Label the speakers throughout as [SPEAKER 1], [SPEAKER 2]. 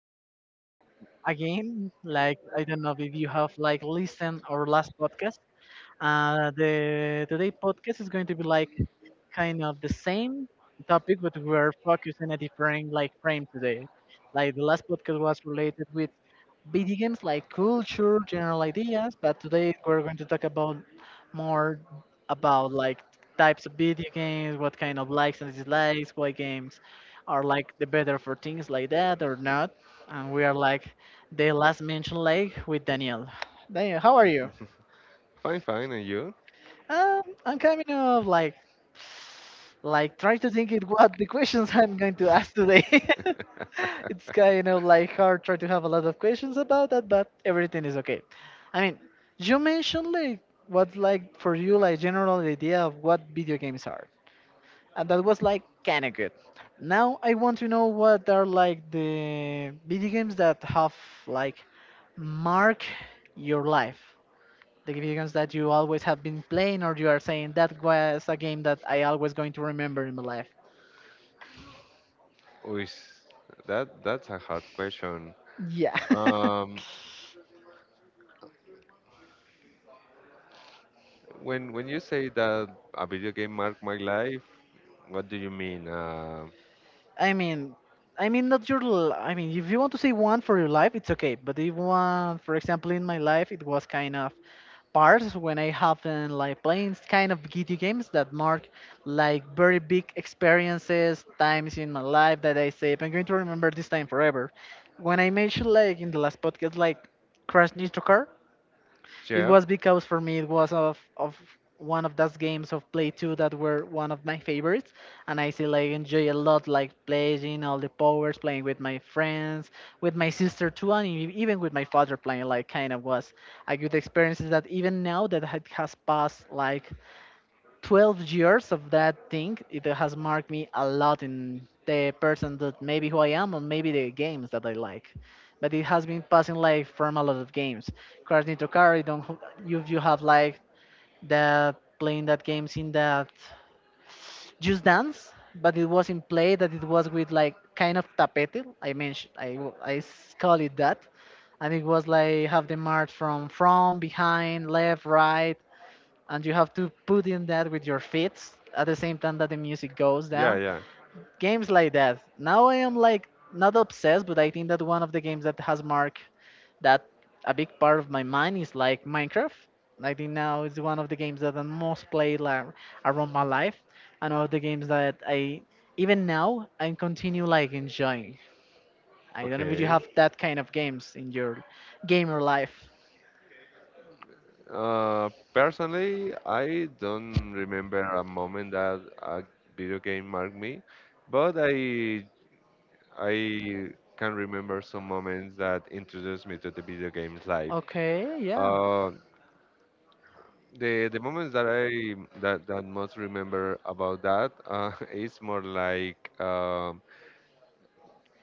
[SPEAKER 1] here like again. Like I don't know if you have like listened our last podcast. The today podcast is going to be like kind of the same topic, but we're focused in a different like frame today. Like the last podcast was related with video games like culture, general ideas, but today we're going to talk about more about like types of video games, what kind of likes and dislikes, what games are like the better for things like that or not. And we are like the last mentioned like with Daniel. Daniel, how are you?
[SPEAKER 2] Fine, fine, and you?
[SPEAKER 1] I'm kind of like trying to think it what the questions I'm going to ask today. It's kind of like hard trying to have a lot of questions about that, but everything is okay. I mean, you mentioned like what's like for you like general idea of what video games are, and that was like kind of good. Now I want to know what are like the video games that have like mark your life, the games that you always have been playing, or you are saying that was a game that I always going to remember in my life.
[SPEAKER 2] Ooh, that's a hard question.
[SPEAKER 1] Yeah.
[SPEAKER 2] Um, when you say that a video game marked my life, what do you mean?
[SPEAKER 1] i mean i mean, not your l- I mean if you want to say one for your life it's okay, but if one for example in my life, it was kind of parts when I have been like playing kind of video games that mark like very big experiences times in my life that I say I'm going to remember this time forever. When I mentioned like in the last podcast like Crash Nitro Car, it
[SPEAKER 2] Yeah,
[SPEAKER 1] was because for me it was of one of those games of Play 2 that were one of my favorites, and I still like enjoy a lot, like playing all the powers, playing with my friends, with my sister too, and even with my father playing. Like kind of was a good experience. Is that even now that it has passed like 12 years of that thing, it has marked me a lot in the person that maybe who I am, or maybe the games that I like. But it has been passing like from a lot of games, cars nitro car, I don't, you have like that playing that games in that just dance. But it was in play that it was with like kind of tapete I mentioned, I w- I s- call it that. And it was like have the march from behind, left, right, and you have to put in that with your feet at the same time that the music goes
[SPEAKER 2] yeah,
[SPEAKER 1] down.
[SPEAKER 2] yeah.
[SPEAKER 1] Games like that. Now I am like not obsessed, but I think that one of the games that has marked that a big part of my mind is like Minecraft. I think now it's one of the games that I most play like around my life, and one of the games that I even now I continue like enjoying. I don't know if you
[SPEAKER 2] Okay.
[SPEAKER 1] have that kind of games in your gamer life.
[SPEAKER 2] Personally, I don't remember a moment that a video game marked me, but I can remember some moments that introduced me to the video games life.
[SPEAKER 1] Okay, yeah.
[SPEAKER 2] Uh, the moments that I that that most remember about that is more like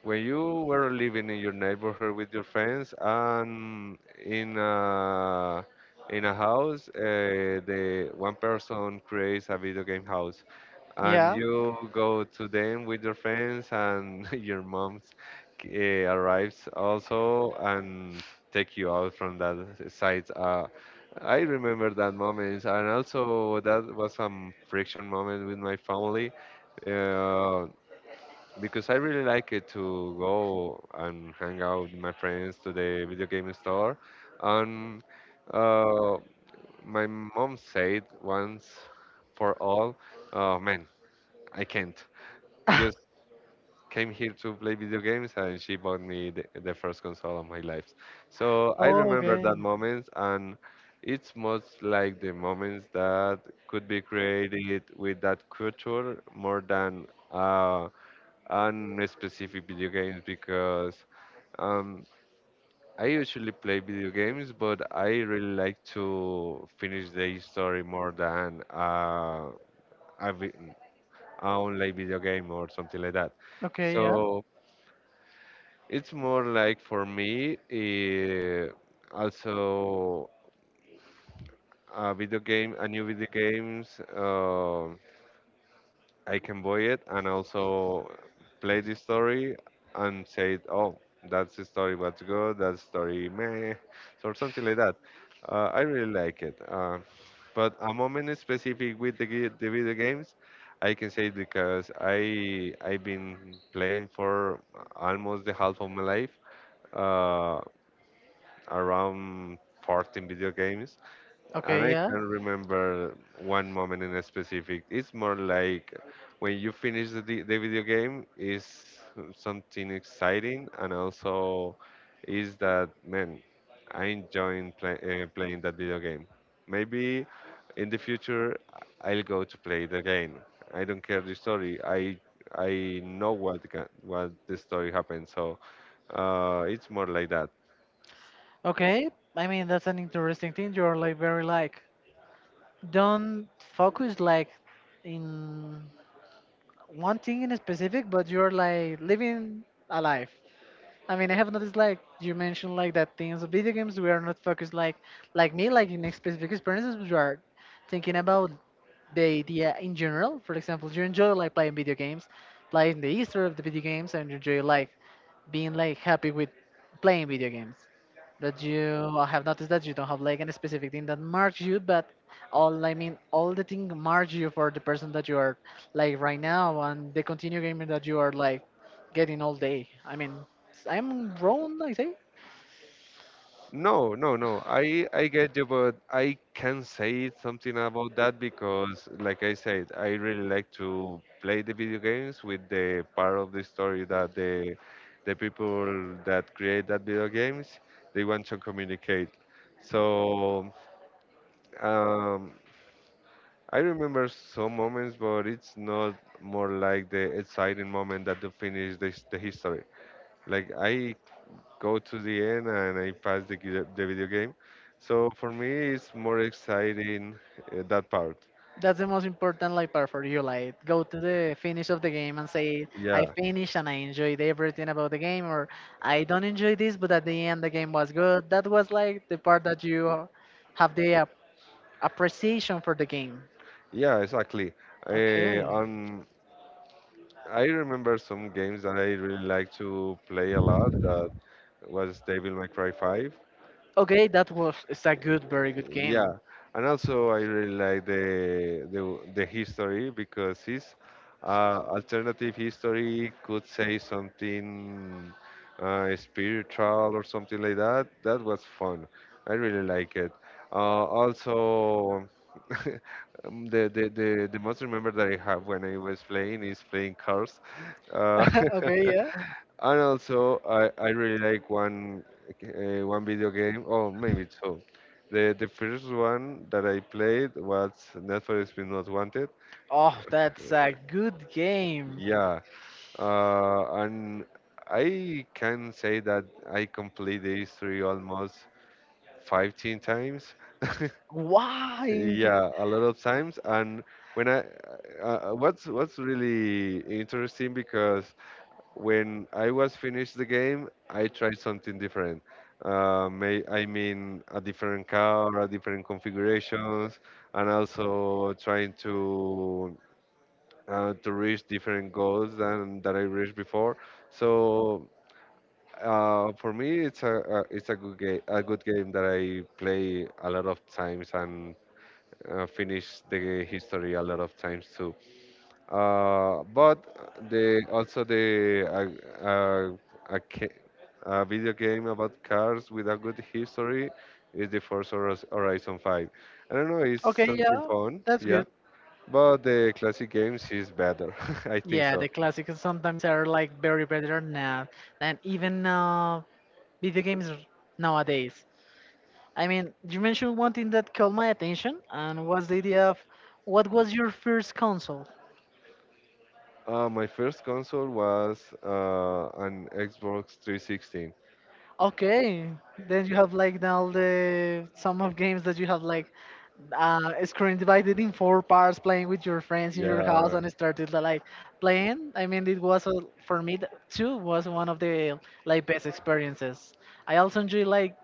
[SPEAKER 2] when you were living in your neighborhood with your friends and in a in a house, the one person creates a video game house and
[SPEAKER 1] Yeah.
[SPEAKER 2] you go to them with your friends and your mom's uh, arrives also and take you out from that site I remember that moment, and also that was some friction moment with my family uh, because I really like it to go and hang out with my friends to the video game store. And uh, my mom said once for all, oh man, I can't just came here to play video games, and she bought me the first console of my life. So I
[SPEAKER 1] Oh,
[SPEAKER 2] remember
[SPEAKER 1] okay.
[SPEAKER 2] that moment, and it's most like the moments that could be created with that culture more than on a specific video games because um, I usually play video games, but I really like to finish the story more than a vi- a online video game or something like that.
[SPEAKER 1] Okay,
[SPEAKER 2] So
[SPEAKER 1] yeah.
[SPEAKER 2] it's more like for me, eh, also a video game, a new video games. I can buy it and also play the story and say, oh, that's the story. What's good? That story meh, or something like that. I really like it. But a moment specific with the video games, I can say because I've been playing for almost the half of my life. Uh, around 14 video games, and
[SPEAKER 1] Okay,
[SPEAKER 2] I
[SPEAKER 1] yeah.
[SPEAKER 2] can remember one moment in specific. It's more like when you finish the video game, is something exciting, and also is that man, I enjoying play, playing that video game. Maybe in the future I'll go to play it again. I don't care the story. I know what the story happened. So it's more like that.
[SPEAKER 1] Okay. I mean, that's an interesting thing. You're like very like don't focus like in one thing in specific, but you're like living a life. I mean, I have noticed like you mentioned like that things of video games, we are not focused like me like in specific experiences, we are thinking about the idea in general. For example, you enjoy like playing video games, playing the history of the video games, and you enjoy like being like happy with playing video games. That you I have noticed that you don't have like any specific thing that marks you, but all, I mean all the thing marks you for the person that you are like right now and the continue gaming that you are like getting all day. I mean, I'm wrong, I say.
[SPEAKER 2] No, no, no. I get you, but I can say something about that because, like I said, I really like to play the video games with the part of the story that the people that create that video games, they want to communicate. So um, I remember some moments, but it's not more like the exciting moment that to finish the history. Like I go to the end and I pass the video game. So for me, it's more exciting that part.
[SPEAKER 1] That's the most important like part for you. Like go to the finish of the game and say, I
[SPEAKER 2] Yeah,
[SPEAKER 1] finished and I enjoyed everything about the game, or I don't enjoy this but at the end the game was good. That was like the part that you have the appreciation for the game.
[SPEAKER 2] yeah, exactly. Uh,
[SPEAKER 1] Okay.
[SPEAKER 2] um, I remember some games that I really like to play a lot. That was Devil May Cry 5.
[SPEAKER 1] Okay, that was it's a good, very good
[SPEAKER 2] Yeah,
[SPEAKER 1] game.
[SPEAKER 2] and also I really like the history because it's alternative history. Could say something spiritual or something like that. That was fun. I really like it. Uh, also the most remember that I have when I was playing is playing cars uh,
[SPEAKER 1] Okay, yeah.
[SPEAKER 2] And also, I really like one one video game, or maybe two. The first one that I played was Need for Speed Most Wanted.
[SPEAKER 1] Oh, that's a good game.
[SPEAKER 2] Yeah, and I can say that I complete the history almost 15 times.
[SPEAKER 1] Why?
[SPEAKER 2] Yeah, a lot of times. And when I what's really interesting because when I was finished the game, I tried something different. May, I mean, a different car, a different configurations, and also trying to reach different goals than that I reached before. So for me, a it's a good game that I play a lot of times and finish the history a lot of times too. But the also the uh, uh, a, ca- a video game about cars with a good history is the Forza Horizon 5. I don't know, it's
[SPEAKER 1] Okay,
[SPEAKER 2] something
[SPEAKER 1] yeah,
[SPEAKER 2] fun,
[SPEAKER 1] that's
[SPEAKER 2] yeah.
[SPEAKER 1] good.
[SPEAKER 2] But the classic games is better, I think
[SPEAKER 1] Yeah, the
[SPEAKER 2] so.
[SPEAKER 1] classics sometimes are like very better now than even video games nowadays. I mean, you mentioned one thing that caught my attention, and was the idea of what was your first console?
[SPEAKER 2] My first console was an Xbox 360.
[SPEAKER 1] Okay, then you have like now the some of games that you have like a screen divided in four parts, playing with your friends in your house,
[SPEAKER 2] Yeah,
[SPEAKER 1] and started like playing. I mean, for me too was one of the like best experiences. I also enjoy like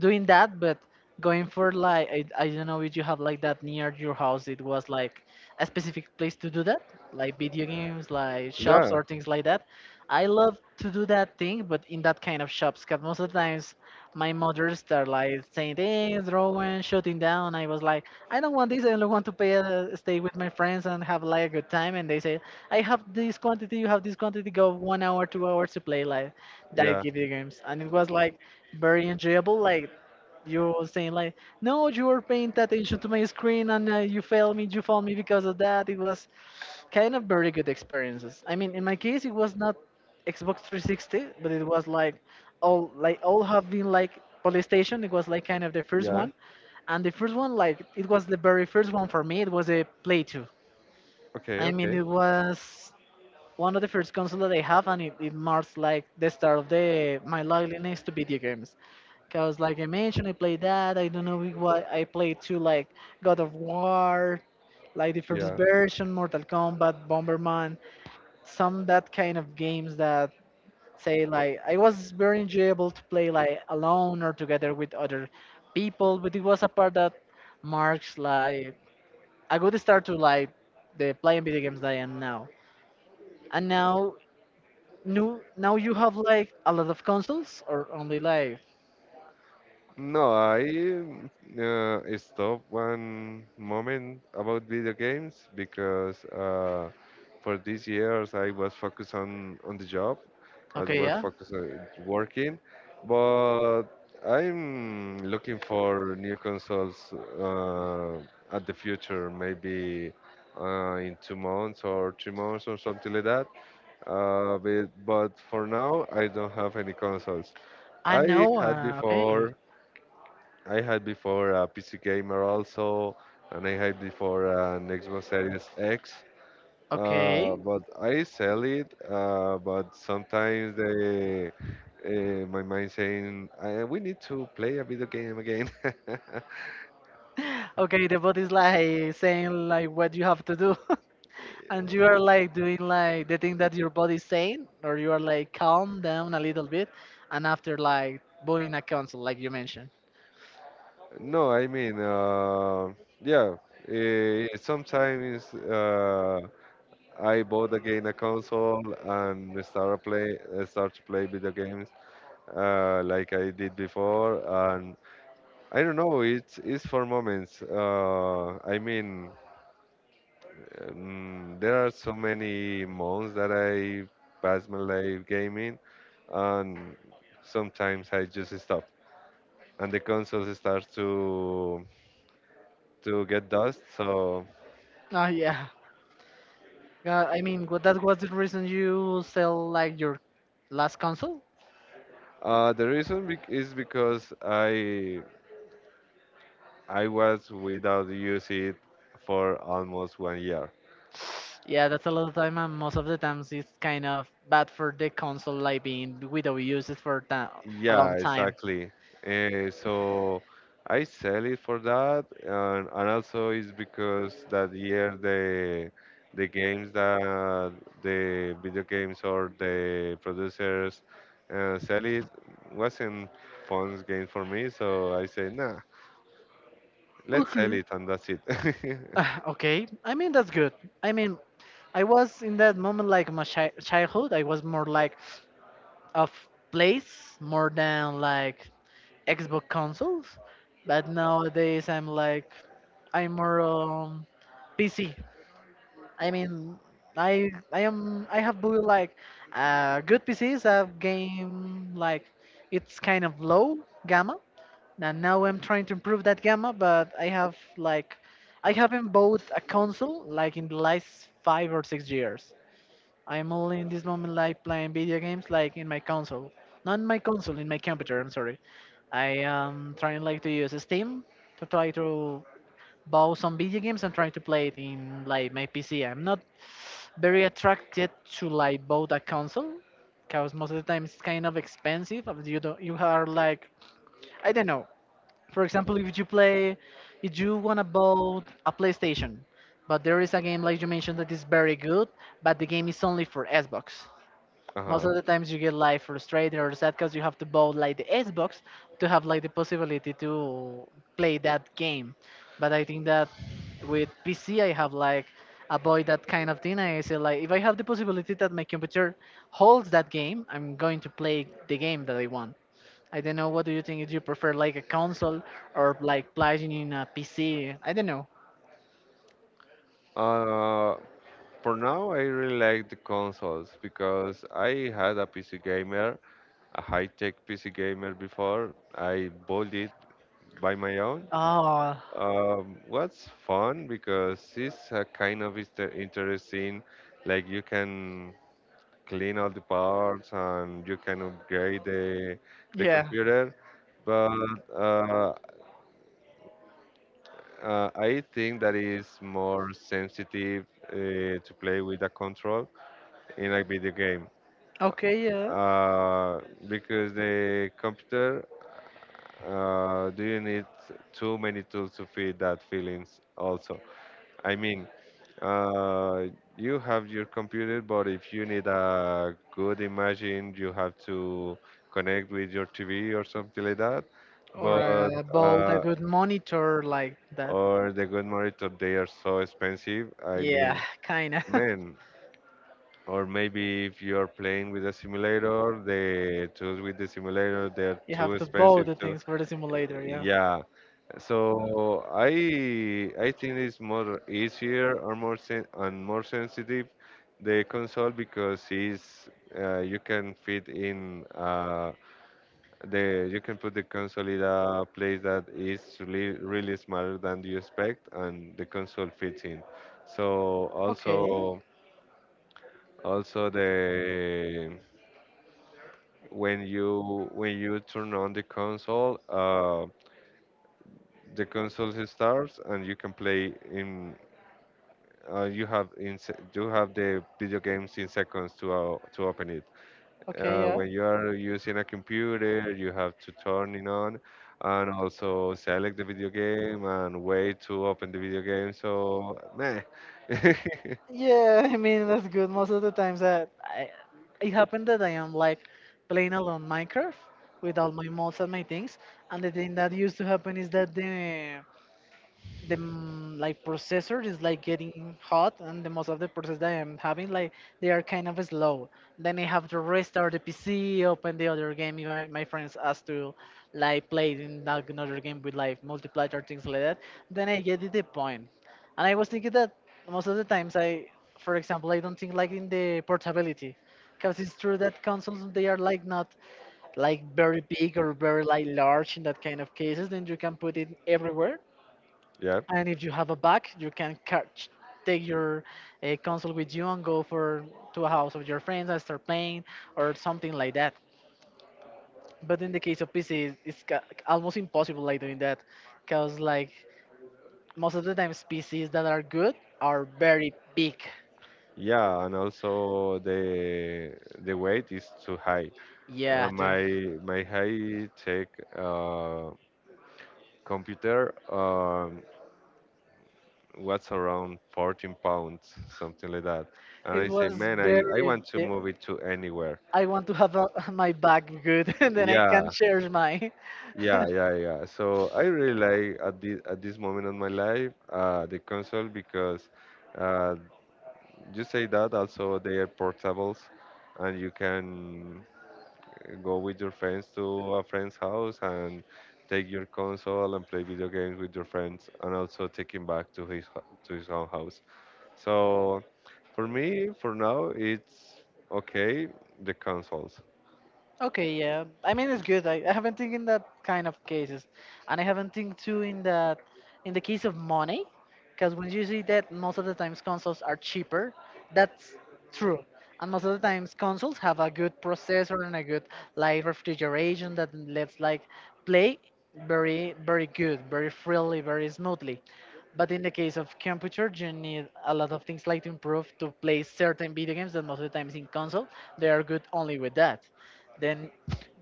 [SPEAKER 1] doing that, but going for like I don't know if you have like that near your house. It was like a specific place to do that, like video games, like shops
[SPEAKER 2] yeah,
[SPEAKER 1] or things like that. I love to do that thing, but in that kind of shops, because most of the times my mother start like saying things, drawing, shutting down. I was like, I don't want this. I don't want to pay. Stay with my friends and have like a good time. And they say, I have this quantity, you have this quantity. Go 1 hour, 2 hours to play like that
[SPEAKER 2] yeah,
[SPEAKER 1] video games. And it was like very enjoyable. Like you were saying, like no, you were paying attention to my screen and you failed me. You failed me because of that. It was kind of very good experiences. I mean, in my case, it was not Xbox 360, but it was like all have been like PlayStation. It was like kind of the first
[SPEAKER 2] yeah.
[SPEAKER 1] one, and the first one like it was the very first one for me. It was a Play 2.
[SPEAKER 2] Okay,
[SPEAKER 1] I mean,
[SPEAKER 2] okay,
[SPEAKER 1] it was one of the first console that I have, and it marks like the start of the my loneliness to video games. Cause like I mentioned, I played that. I don't know what I played too, like God of War, like the first
[SPEAKER 2] yeah.
[SPEAKER 1] version, Mortal Kombat, Bomberman, some that kind of games that say like I was very enjoyable to play like alone or together with other people. But it was a part that marks like a good start to like the playing video games that I am now. And now New now you have like a lot of consoles or only like.
[SPEAKER 2] No, I mm, stopped one moment about video games because for these years I was focused on the job. I
[SPEAKER 1] Okay,
[SPEAKER 2] was
[SPEAKER 1] yeah.
[SPEAKER 2] focused on working, but I'm looking for new consoles uh, at the future, maybe in 2 months or 3 months or something like that. But for now, I don't have any consoles.
[SPEAKER 1] I
[SPEAKER 2] I
[SPEAKER 1] know,
[SPEAKER 2] had
[SPEAKER 1] okay.
[SPEAKER 2] before I had before a PC gamer also, and I had before an Xbox Series X.
[SPEAKER 1] Okay,
[SPEAKER 2] But I sell it. But sometimes they, my mind saying, I, we need to play a video game again.
[SPEAKER 1] Okay, the bot is like saying like what you have to do. And you are like doing like the thing that your body is saying, or you are like calm down a little bit and after like buying a console like you mentioned.
[SPEAKER 2] No, I mean, yeah. Eh, sometimes I bought again a console and start play, eh, start to play video games like I did before, and I don't know. It's for moments. I mean, there are so many months that I pass my life gaming, and sometimes I just stop, and the console starts to get dust. So
[SPEAKER 1] Oh yeah, I mean, what that was the reason you sell like your last console?
[SPEAKER 2] the reason bec is because I was without use it for almost 1 year.
[SPEAKER 1] Yeah, that's a lot of time, and most of the times it's kind of bad for the console, like being without uses for a
[SPEAKER 2] Yeah,
[SPEAKER 1] long time.
[SPEAKER 2] exactly. Eh, so I sell it for that, and also it's because that year the games that the video games or the producers sell it wasn't fun game for me. So I say, nah, let's sell it, and that's it.
[SPEAKER 1] Ah, okay, I mean that's good. I mean, I was in that moment like my childhood. I was more like of place more than like Xbox consoles, but nowadays I'm like I'm more PC. I mean, I am I have bought like good PCs. I've game like it's kind of low gamma, and now I'm trying to improve that gamma. But I haven't bought a console like in the last 5 or 6 years. I'm only in this moment like playing video games like in my console, not in my console, in my computer. I'm sorry. I am trying like to use Steam to try to buy some video games and trying to play it in like my PC. I'm not very attracted to like both a console because most of the time it's kind of expensive of you are like I don't know. For example, if you play if you want to buy a PlayStation, but there is a game like you mentioned that is very good, but the game is only for Xbox. Most
[SPEAKER 2] Uh-huh.
[SPEAKER 1] of the times you get like frustrated or sad because you have to buy like the Xbox to have like the possibility to play that game. But I think that with PC I have like avoid that kind of thing. I say like if I have the possibility that my computer holds that game, I'm going to play the game that I want. I don't know. What do you think? Do you prefer like a console or like playing in a PC? I don't know.
[SPEAKER 2] Uh, for now, I really like the consoles because I had a PC gamer, a high-tech PC gamer before. I bought it by my own.
[SPEAKER 1] Oh,
[SPEAKER 2] What's fun because it's a kind of interesting, like you can clean all the parts and you can upgrade the
[SPEAKER 1] yeah.
[SPEAKER 2] computer, but uh, I think that is more sensitive to play with a control in a video game.
[SPEAKER 1] Okay, yeah.
[SPEAKER 2] Uh, because the computer do you need too many tools to feed that feelings also. I mean, uh, you have your computer, but if you need a good imaging, you have to connect with your TV or something like that.
[SPEAKER 1] Or
[SPEAKER 2] But
[SPEAKER 1] bought a
[SPEAKER 2] uh,
[SPEAKER 1] good monitor like that.
[SPEAKER 2] or the good monitor, they are so expensive. I
[SPEAKER 1] Yeah,
[SPEAKER 2] mean,
[SPEAKER 1] kinda.
[SPEAKER 2] man, or maybe if you are playing with a simulator, the tools with the simulator they are
[SPEAKER 1] You
[SPEAKER 2] too
[SPEAKER 1] have to bow
[SPEAKER 2] expensive
[SPEAKER 1] the
[SPEAKER 2] too.
[SPEAKER 1] things for the simulator, yeah.
[SPEAKER 2] Yeah. So I think it's more easier or more sensitive the console, because it's you can fit in the you can put the console in a place that is really smaller than you expect, and the console fits in. So
[SPEAKER 1] Okay,
[SPEAKER 2] also also the when you turn on the console. The console starts and you can play in you have the video games in seconds to open it
[SPEAKER 1] okay, yeah.
[SPEAKER 2] when you are using a computer you have to turn it on, and also select the video game and wait to open the video game, so meh.
[SPEAKER 1] Yeah, that's good. Most of the times it happened that I am like playing alone Minecraft with all my mods and my things. And the thing that used to happen is that the like processor is like getting hot and the most of the process that I'm having like, they are kind of slow. Then I have to restart the PC, open the other game if I, my friends ask to like play it in that another game with like multiplayer or things like that. Then I get it the point, and I was thinking that most of the times I, for example, I don't think like in the portability, because it's true that consoles they are like not like very big or very like large in that kind of cases. Then you can put it everywhere,
[SPEAKER 2] Yeah,
[SPEAKER 1] and if you have a bag, you can take your console with you and go for to a house of your friends and start playing or something like that. But in the case of PC, it's ca- almost impossible like doing that, because like most of the times PCs that are good are very big.
[SPEAKER 2] yeah, and also the weight is too high. Uh,
[SPEAKER 1] Yeah, dude.
[SPEAKER 2] my height take uh, computer was around 14 pounds, something like that. And
[SPEAKER 1] It
[SPEAKER 2] I say,
[SPEAKER 1] was
[SPEAKER 2] man, I
[SPEAKER 1] very.
[SPEAKER 2] want to
[SPEAKER 1] Bi-
[SPEAKER 2] move it to anywhere.
[SPEAKER 1] I want to have a, my bag good, and then I
[SPEAKER 2] Yeah,
[SPEAKER 1] can share mine.
[SPEAKER 2] yeah, yeah, yeah. So I really like at this moment of my life the console, because uh, you say that also they are portables, and you can go with your friends to a friend's house and take your console and play video games with your friends and also take him back to to his own house. So for me, for now, it's okay. The consoles.
[SPEAKER 1] Okay, yeah. It's good. I haven't think in that kind of cases, and I haven't think too in that in the case of money, because when you see that most of the times consoles are cheaper, that's true. And most of the times consoles have a good processor and a good like refrigeration that lets like play very very good, very freely, very smoothly. But in the case of computer, you need a lot of things like to improve to play certain video games that most of the times in console they are good only with that. Then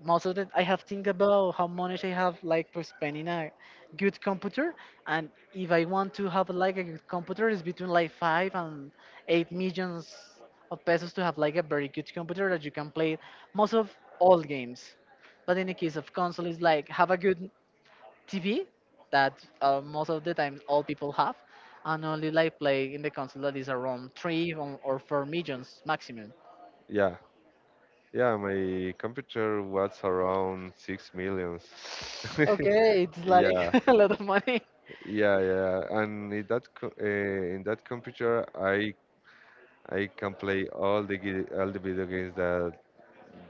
[SPEAKER 1] most of the I have think about how much I have like for spending a good computer, and if I want to have like a good computer, it's between like five and eight millions of pesos to have like a very good computer that you can play most of all games. But in the case of console, it's like have a good TV that most of the times all people have, and only like play in the console that is around three or four millions maximum.
[SPEAKER 2] Yeah, yeah. My computer was around 6 millions.
[SPEAKER 1] Okay, it's like
[SPEAKER 2] Yeah,
[SPEAKER 1] a lot of money.
[SPEAKER 2] yeah, yeah. And in that computer, I can play all all the video games that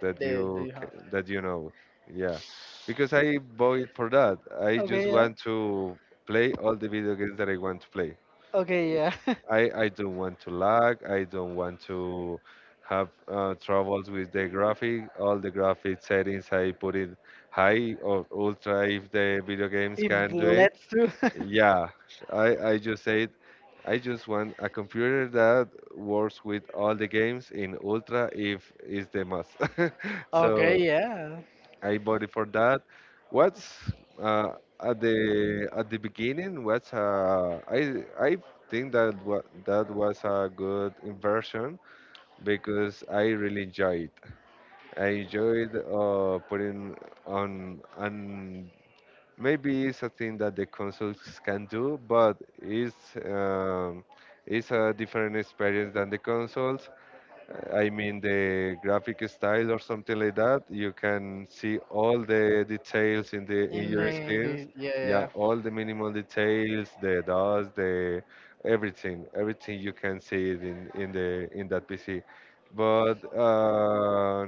[SPEAKER 1] That you have?
[SPEAKER 2] that you know. Yeah, because I bought it for that. I
[SPEAKER 1] Okay,
[SPEAKER 2] just
[SPEAKER 1] yeah.
[SPEAKER 2] want to play all the video games that I want to play.
[SPEAKER 1] Okay, yeah.
[SPEAKER 2] I don't want to lag. I don't want to have troubles with the graphic. All the graphic settings I put in high or ultra if the video games
[SPEAKER 1] If
[SPEAKER 2] can
[SPEAKER 1] the
[SPEAKER 2] do it.
[SPEAKER 1] let's do.
[SPEAKER 2] Yeah, I just said I just want a computer that works with all the games in ultra if is the must.
[SPEAKER 1] Okay,
[SPEAKER 2] So
[SPEAKER 1] yeah.
[SPEAKER 2] I voted for that. What's uh, at the beginning? What's I think that wa that was a good inversion, because I really enjoyed. I enjoyed putting on, and maybe it's a thing that the consoles can do, but it's a different experience than the consoles. I mean the graphic style or something like that. You can see all the details in the in your screens.
[SPEAKER 1] The yeah,
[SPEAKER 2] Yeah,
[SPEAKER 1] yeah.
[SPEAKER 2] all the minimal details, the dots, the everything, everything you can see it in that PC. But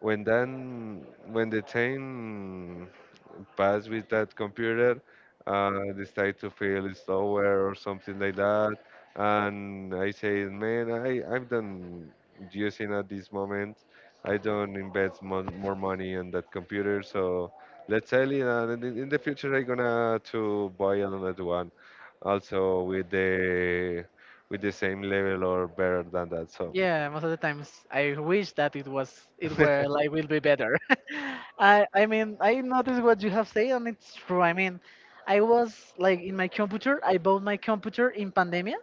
[SPEAKER 2] when then When the time pass with that computer, uh decide to feel slower or something like that. And I say, man, I'm done using at this moment. I don't invest more money on that computer, so let's sell it, and in the future I'm gonna to buy another one, also with the same level or better than that. So
[SPEAKER 1] Yeah, most of the times I wish that it was, it were like will be better. I mean I noticed what you have said and it's true. I mean, I was like in my computer. I bought my computer in pandemic.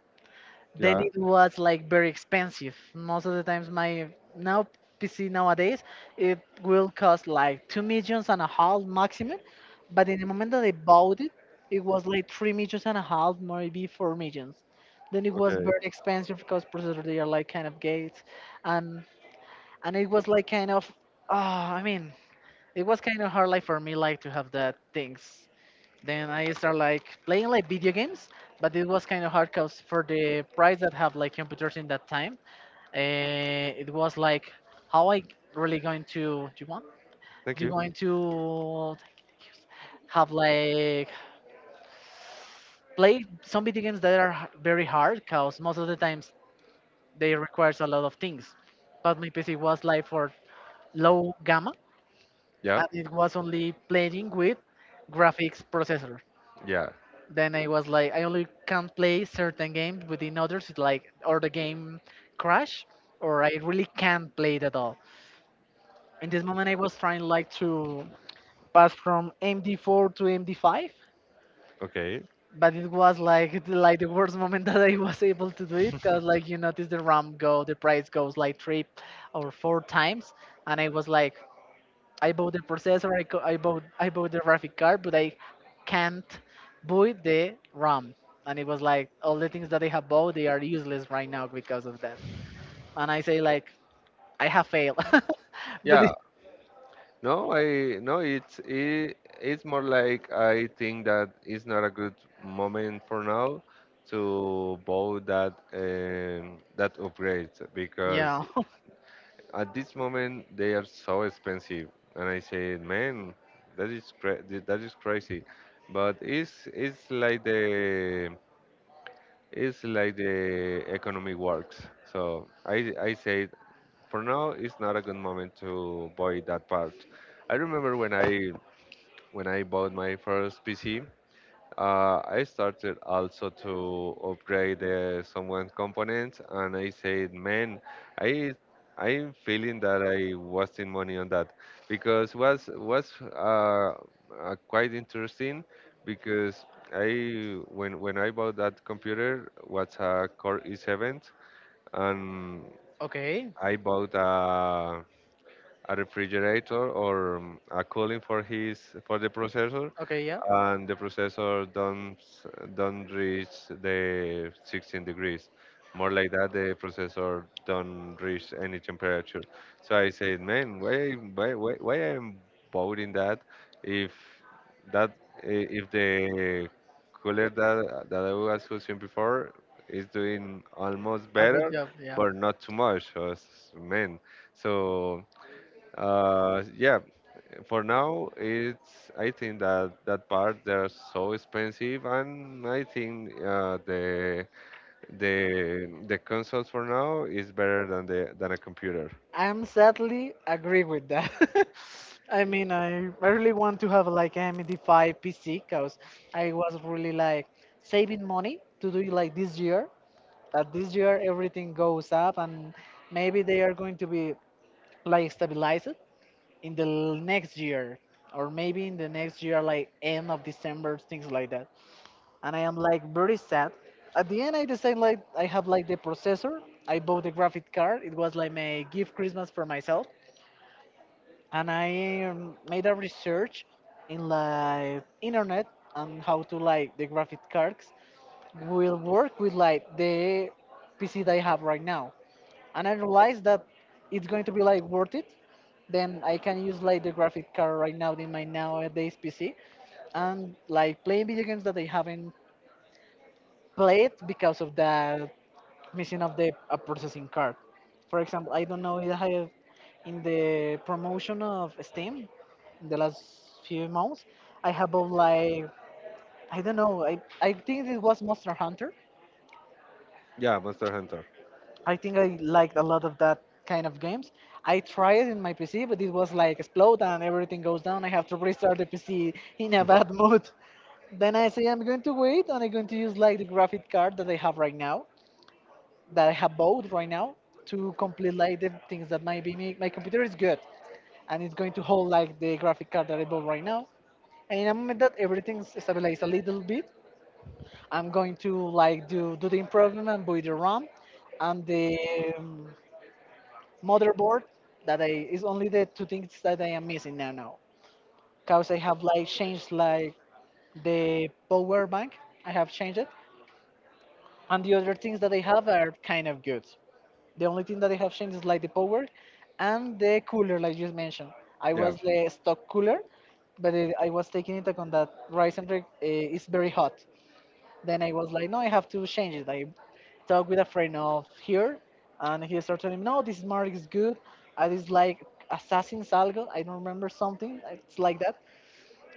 [SPEAKER 1] Then
[SPEAKER 2] yeah,
[SPEAKER 1] it was like very expensive. Most of the times, my now PC nowadays it will cost like two millions and a half maximum, but in the moment that I bought it, it was like three millions and a half, maybe four millions. Then it was
[SPEAKER 2] okay,
[SPEAKER 1] very expensive because processors they are like kind of gates, and and it was like kind of ah I mean, it was kind of hard like for me like to have that things. Then I start like playing like video games, but it was kind of hard because for the price that have like computers in that time, uh, it was like how I really going to do you want
[SPEAKER 2] thank
[SPEAKER 1] you
[SPEAKER 2] you.
[SPEAKER 1] going to have like play some video games that are h- very hard because most of the times they requires a lot of things. But my PC was like for low gamma,
[SPEAKER 2] Yeah.
[SPEAKER 1] and it was only playing with graphics processor.
[SPEAKER 2] Yeah.
[SPEAKER 1] Then I was like, I only can play certain games within others, it's like or the game crash, or I really can't play it at all. In this moment, I was trying like to pass from MD4 to MD5,
[SPEAKER 2] Okay.
[SPEAKER 1] but it was like the worst moment that I was able to do it because like you notice the RAM go, the price goes like three or four times, and I was like, I bought the processor, co- I bought the graphic card, but I can't buy the RAM. And it was like all the things that I have bought, they are useless right now because of that. And I say like I have failed, but
[SPEAKER 2] Yeah.
[SPEAKER 1] it,
[SPEAKER 2] No, I no. It's more like I think that it's not a good moment for now to buy that upgrade, because
[SPEAKER 1] yeah,
[SPEAKER 2] at this moment they are so expensive. And I say, man, that is that is crazy. But it's like the it's like the economy works. So I say, for now, it's not a good moment to buy that part. I remember when I bought my first PC. I started also to upgrade someone components, and I said, "Man, I I'm feeling that I wasting money on that, because was quite interesting. Because I when I bought that computer was a Core i7. And
[SPEAKER 1] okay,
[SPEAKER 2] I bought a refrigerator or a cooling for his for the processor,
[SPEAKER 1] okay, yeah,
[SPEAKER 2] and the processor don't reach the 16 degrees. More like that, the processor don't reach any temperature. So I said, man, why I'm voting that, if that i- if the cooler that I was using before is doing almost
[SPEAKER 1] a good
[SPEAKER 2] better,
[SPEAKER 1] job, yeah.
[SPEAKER 2] but not too much. So, man, so yeah, for now it's I think that that part they're so expensive, and I think the the consoles for now is better than the than a computer.
[SPEAKER 1] I'm sadly agree with that. I mean, I really want to have like an MD5 PC because I was really like saving money to do it like this year, that this year everything goes up and maybe they are going to be like stabilized in the l- next year or maybe in the next year like end of December, things like that. And I am like very sad. At the end I decide like I have like the processor, I bought the graphic card, it was like my gift Christmas for myself, and I made a research in like internet on how to like the graphic cards will work with like the PC that I have right now, and I realize that it's going to be like worth it, then I can use like the graphic card right now in my nowadays PC and like play video games that I haven't played because of the missing of the a processing card. For example, I don't know if I have in the promotion of Steam in the last few months, I have bought like I don't know, I think it was Monster Hunter.
[SPEAKER 2] Yeah, Monster Hunter.
[SPEAKER 1] I think I liked a lot of that kind of games. I tried it in my PC, but it was like explode and everything goes down. I have to restart the PC in a bad mood. Then I say I'm going to wait and I'm going to use like the graphic card that I have right now, that I have bought right now to complete like the things that might be my computer is good and it's going to hold like the graphic card that I bought right now. And in a moment that everything's stabilized a little bit, I'm going to like do the improvement and buy the RAM and the um, motherboard that I is only the two things that I am missing now because I have like changed like the power bank, I have changed it, and the other things that I have are kind of good. The only thing that I have changed is like the power and the cooler like you mentioned. I
[SPEAKER 2] Yeah.
[SPEAKER 1] was the stock cooler, but it, I was taking into account that Ryzen is very hot. Then I was like, no, I have to change it. I talked with a friend of here, and he started telling me, no, this mark is good. I just like Assassin's Algo. I don't remember something. It's like that.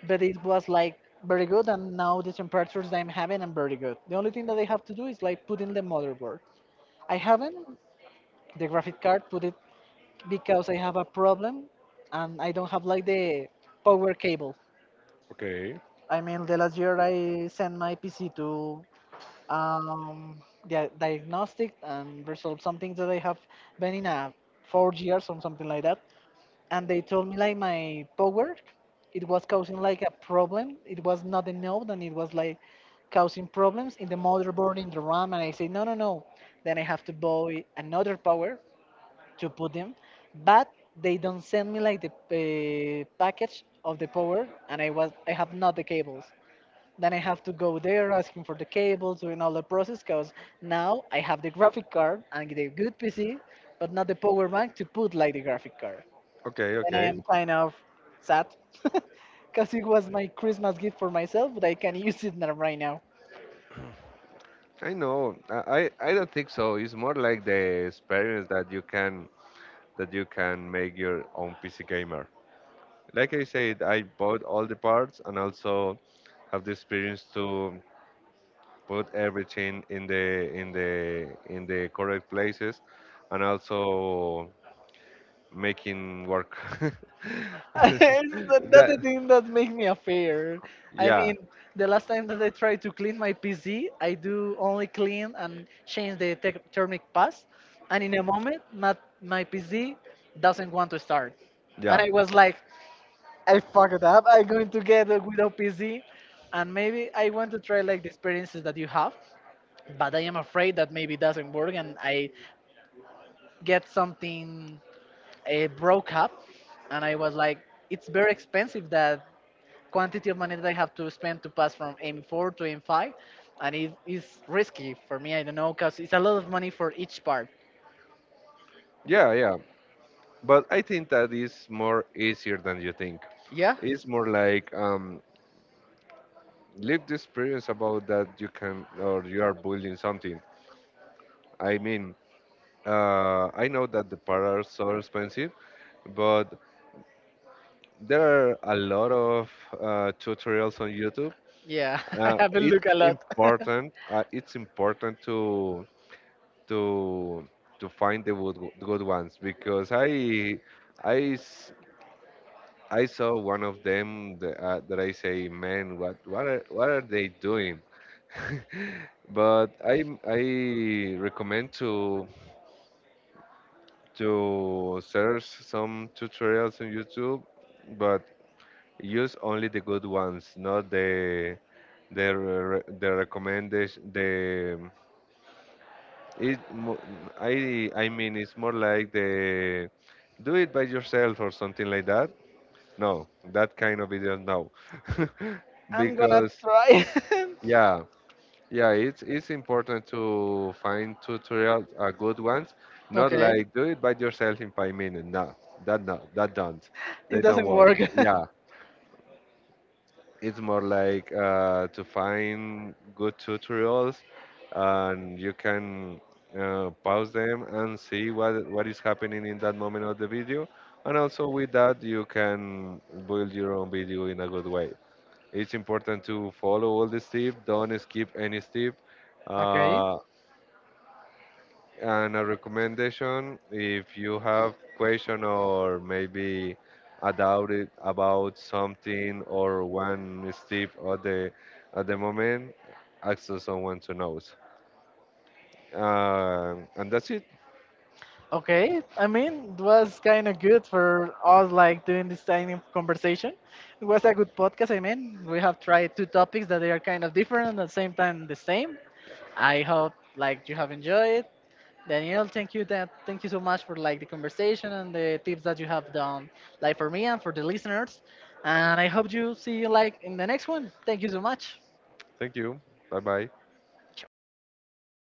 [SPEAKER 1] But it was like very good, and now the temperatures that I'm having are very good. The only thing that I have to do is like put in the motherboard. I haven't the graphic card put it because I have a problem, and I don't have like the power cable.
[SPEAKER 2] Okay.
[SPEAKER 1] I mean, the last year I sent my PC to um, dia- diagnostic and resolve some things that I have been in a 4 years or something like that. And they told me like my power, it was causing like a problem. It was not enough, and it was like causing problems in the motherboard, in the RAM. And I say no, no, no. Then I have to buy another power to put them, but they don't send me like the package of the power, and I was I have not the cables. Then I have to go there asking for the cables, doing all the process because now I have the graphic card and the good PC, but not the power bank to put like the graphic card.
[SPEAKER 2] Okay,
[SPEAKER 1] And I
[SPEAKER 2] okay.
[SPEAKER 1] am kind of sad because it was my Christmas gift for myself, but I can use it now, right now.
[SPEAKER 2] I know. I don't think so. It's more like the experience that you can make your own PC gamer. Like I said, I bought all the parts and also have the experience to put everything in the in the correct places, and also making work.
[SPEAKER 1] It's that's the
[SPEAKER 2] that
[SPEAKER 1] thing that makes me afraid. I
[SPEAKER 2] yeah,
[SPEAKER 1] mean, the last time that I tried to clean my PC, I do only clean and change the te- thermic pass, and in a moment, not my PC doesn't want to start, and
[SPEAKER 2] yeah.
[SPEAKER 1] I was like, I fucked up. I'm going to get a without PC, and maybe I want to try like the experiences that you have, but I am afraid that maybe it doesn't work, and I get something broke up, and I was like, it's very expensive that quantity of money that I have to spend to pass from M4 to M5, and it is risky for me. I don't know because it's a lot of money for each part.
[SPEAKER 2] Yeah, yeah. But I think that is more easier than you think.
[SPEAKER 1] Yeah,
[SPEAKER 2] It's more like live the experience about that you can or you are building something. I mean, I know that the parts are so expensive, but there are a lot of tutorials on YouTube.
[SPEAKER 1] yeah, I haven't looked
[SPEAKER 2] It's
[SPEAKER 1] a lot.
[SPEAKER 2] important. It's important to to find the good, good ones. Because I s- I saw one of them that, that I say, man, what are they doing? But I recommend to search some tutorials on YouTube. But use only the good ones, not the the recommendation. The it mo- I mean it's more like the do it by yourself or something like that. No, that kind of videos no.
[SPEAKER 1] I'm gonna
[SPEAKER 2] Because
[SPEAKER 1] try.
[SPEAKER 2] yeah, yeah, it's important to find tutorials are good ones, not
[SPEAKER 1] Okay,
[SPEAKER 2] like do it by yourself in 5 minutes. No, that no that don't
[SPEAKER 1] it
[SPEAKER 2] they don't
[SPEAKER 1] doesn't
[SPEAKER 2] work.
[SPEAKER 1] work.
[SPEAKER 2] Yeah, it's more like to find good tutorials, and you can pause them and see what is happening in that moment of the video. And also with that you can build your own video in a good way. It's important to follow all the steps, don't skip any step.
[SPEAKER 1] Okay,
[SPEAKER 2] uh, and a recommendation, if you have question or maybe a doubt about something or one step at the moment, ask someone to know. And that's it.
[SPEAKER 1] okay. I mean, it was kind of good for us, like doing this kind of conversation. It was a good podcast. I mean, we have tried two topics that they are kind of different and at the same time the same. I hope like you have enjoyed. Daniel, thank you that thank you so much for like the conversation and the tips that you have done like for me and for the listeners. And I hope you see you like in the next one. Thank you so much.
[SPEAKER 2] Thank you. Bye bye.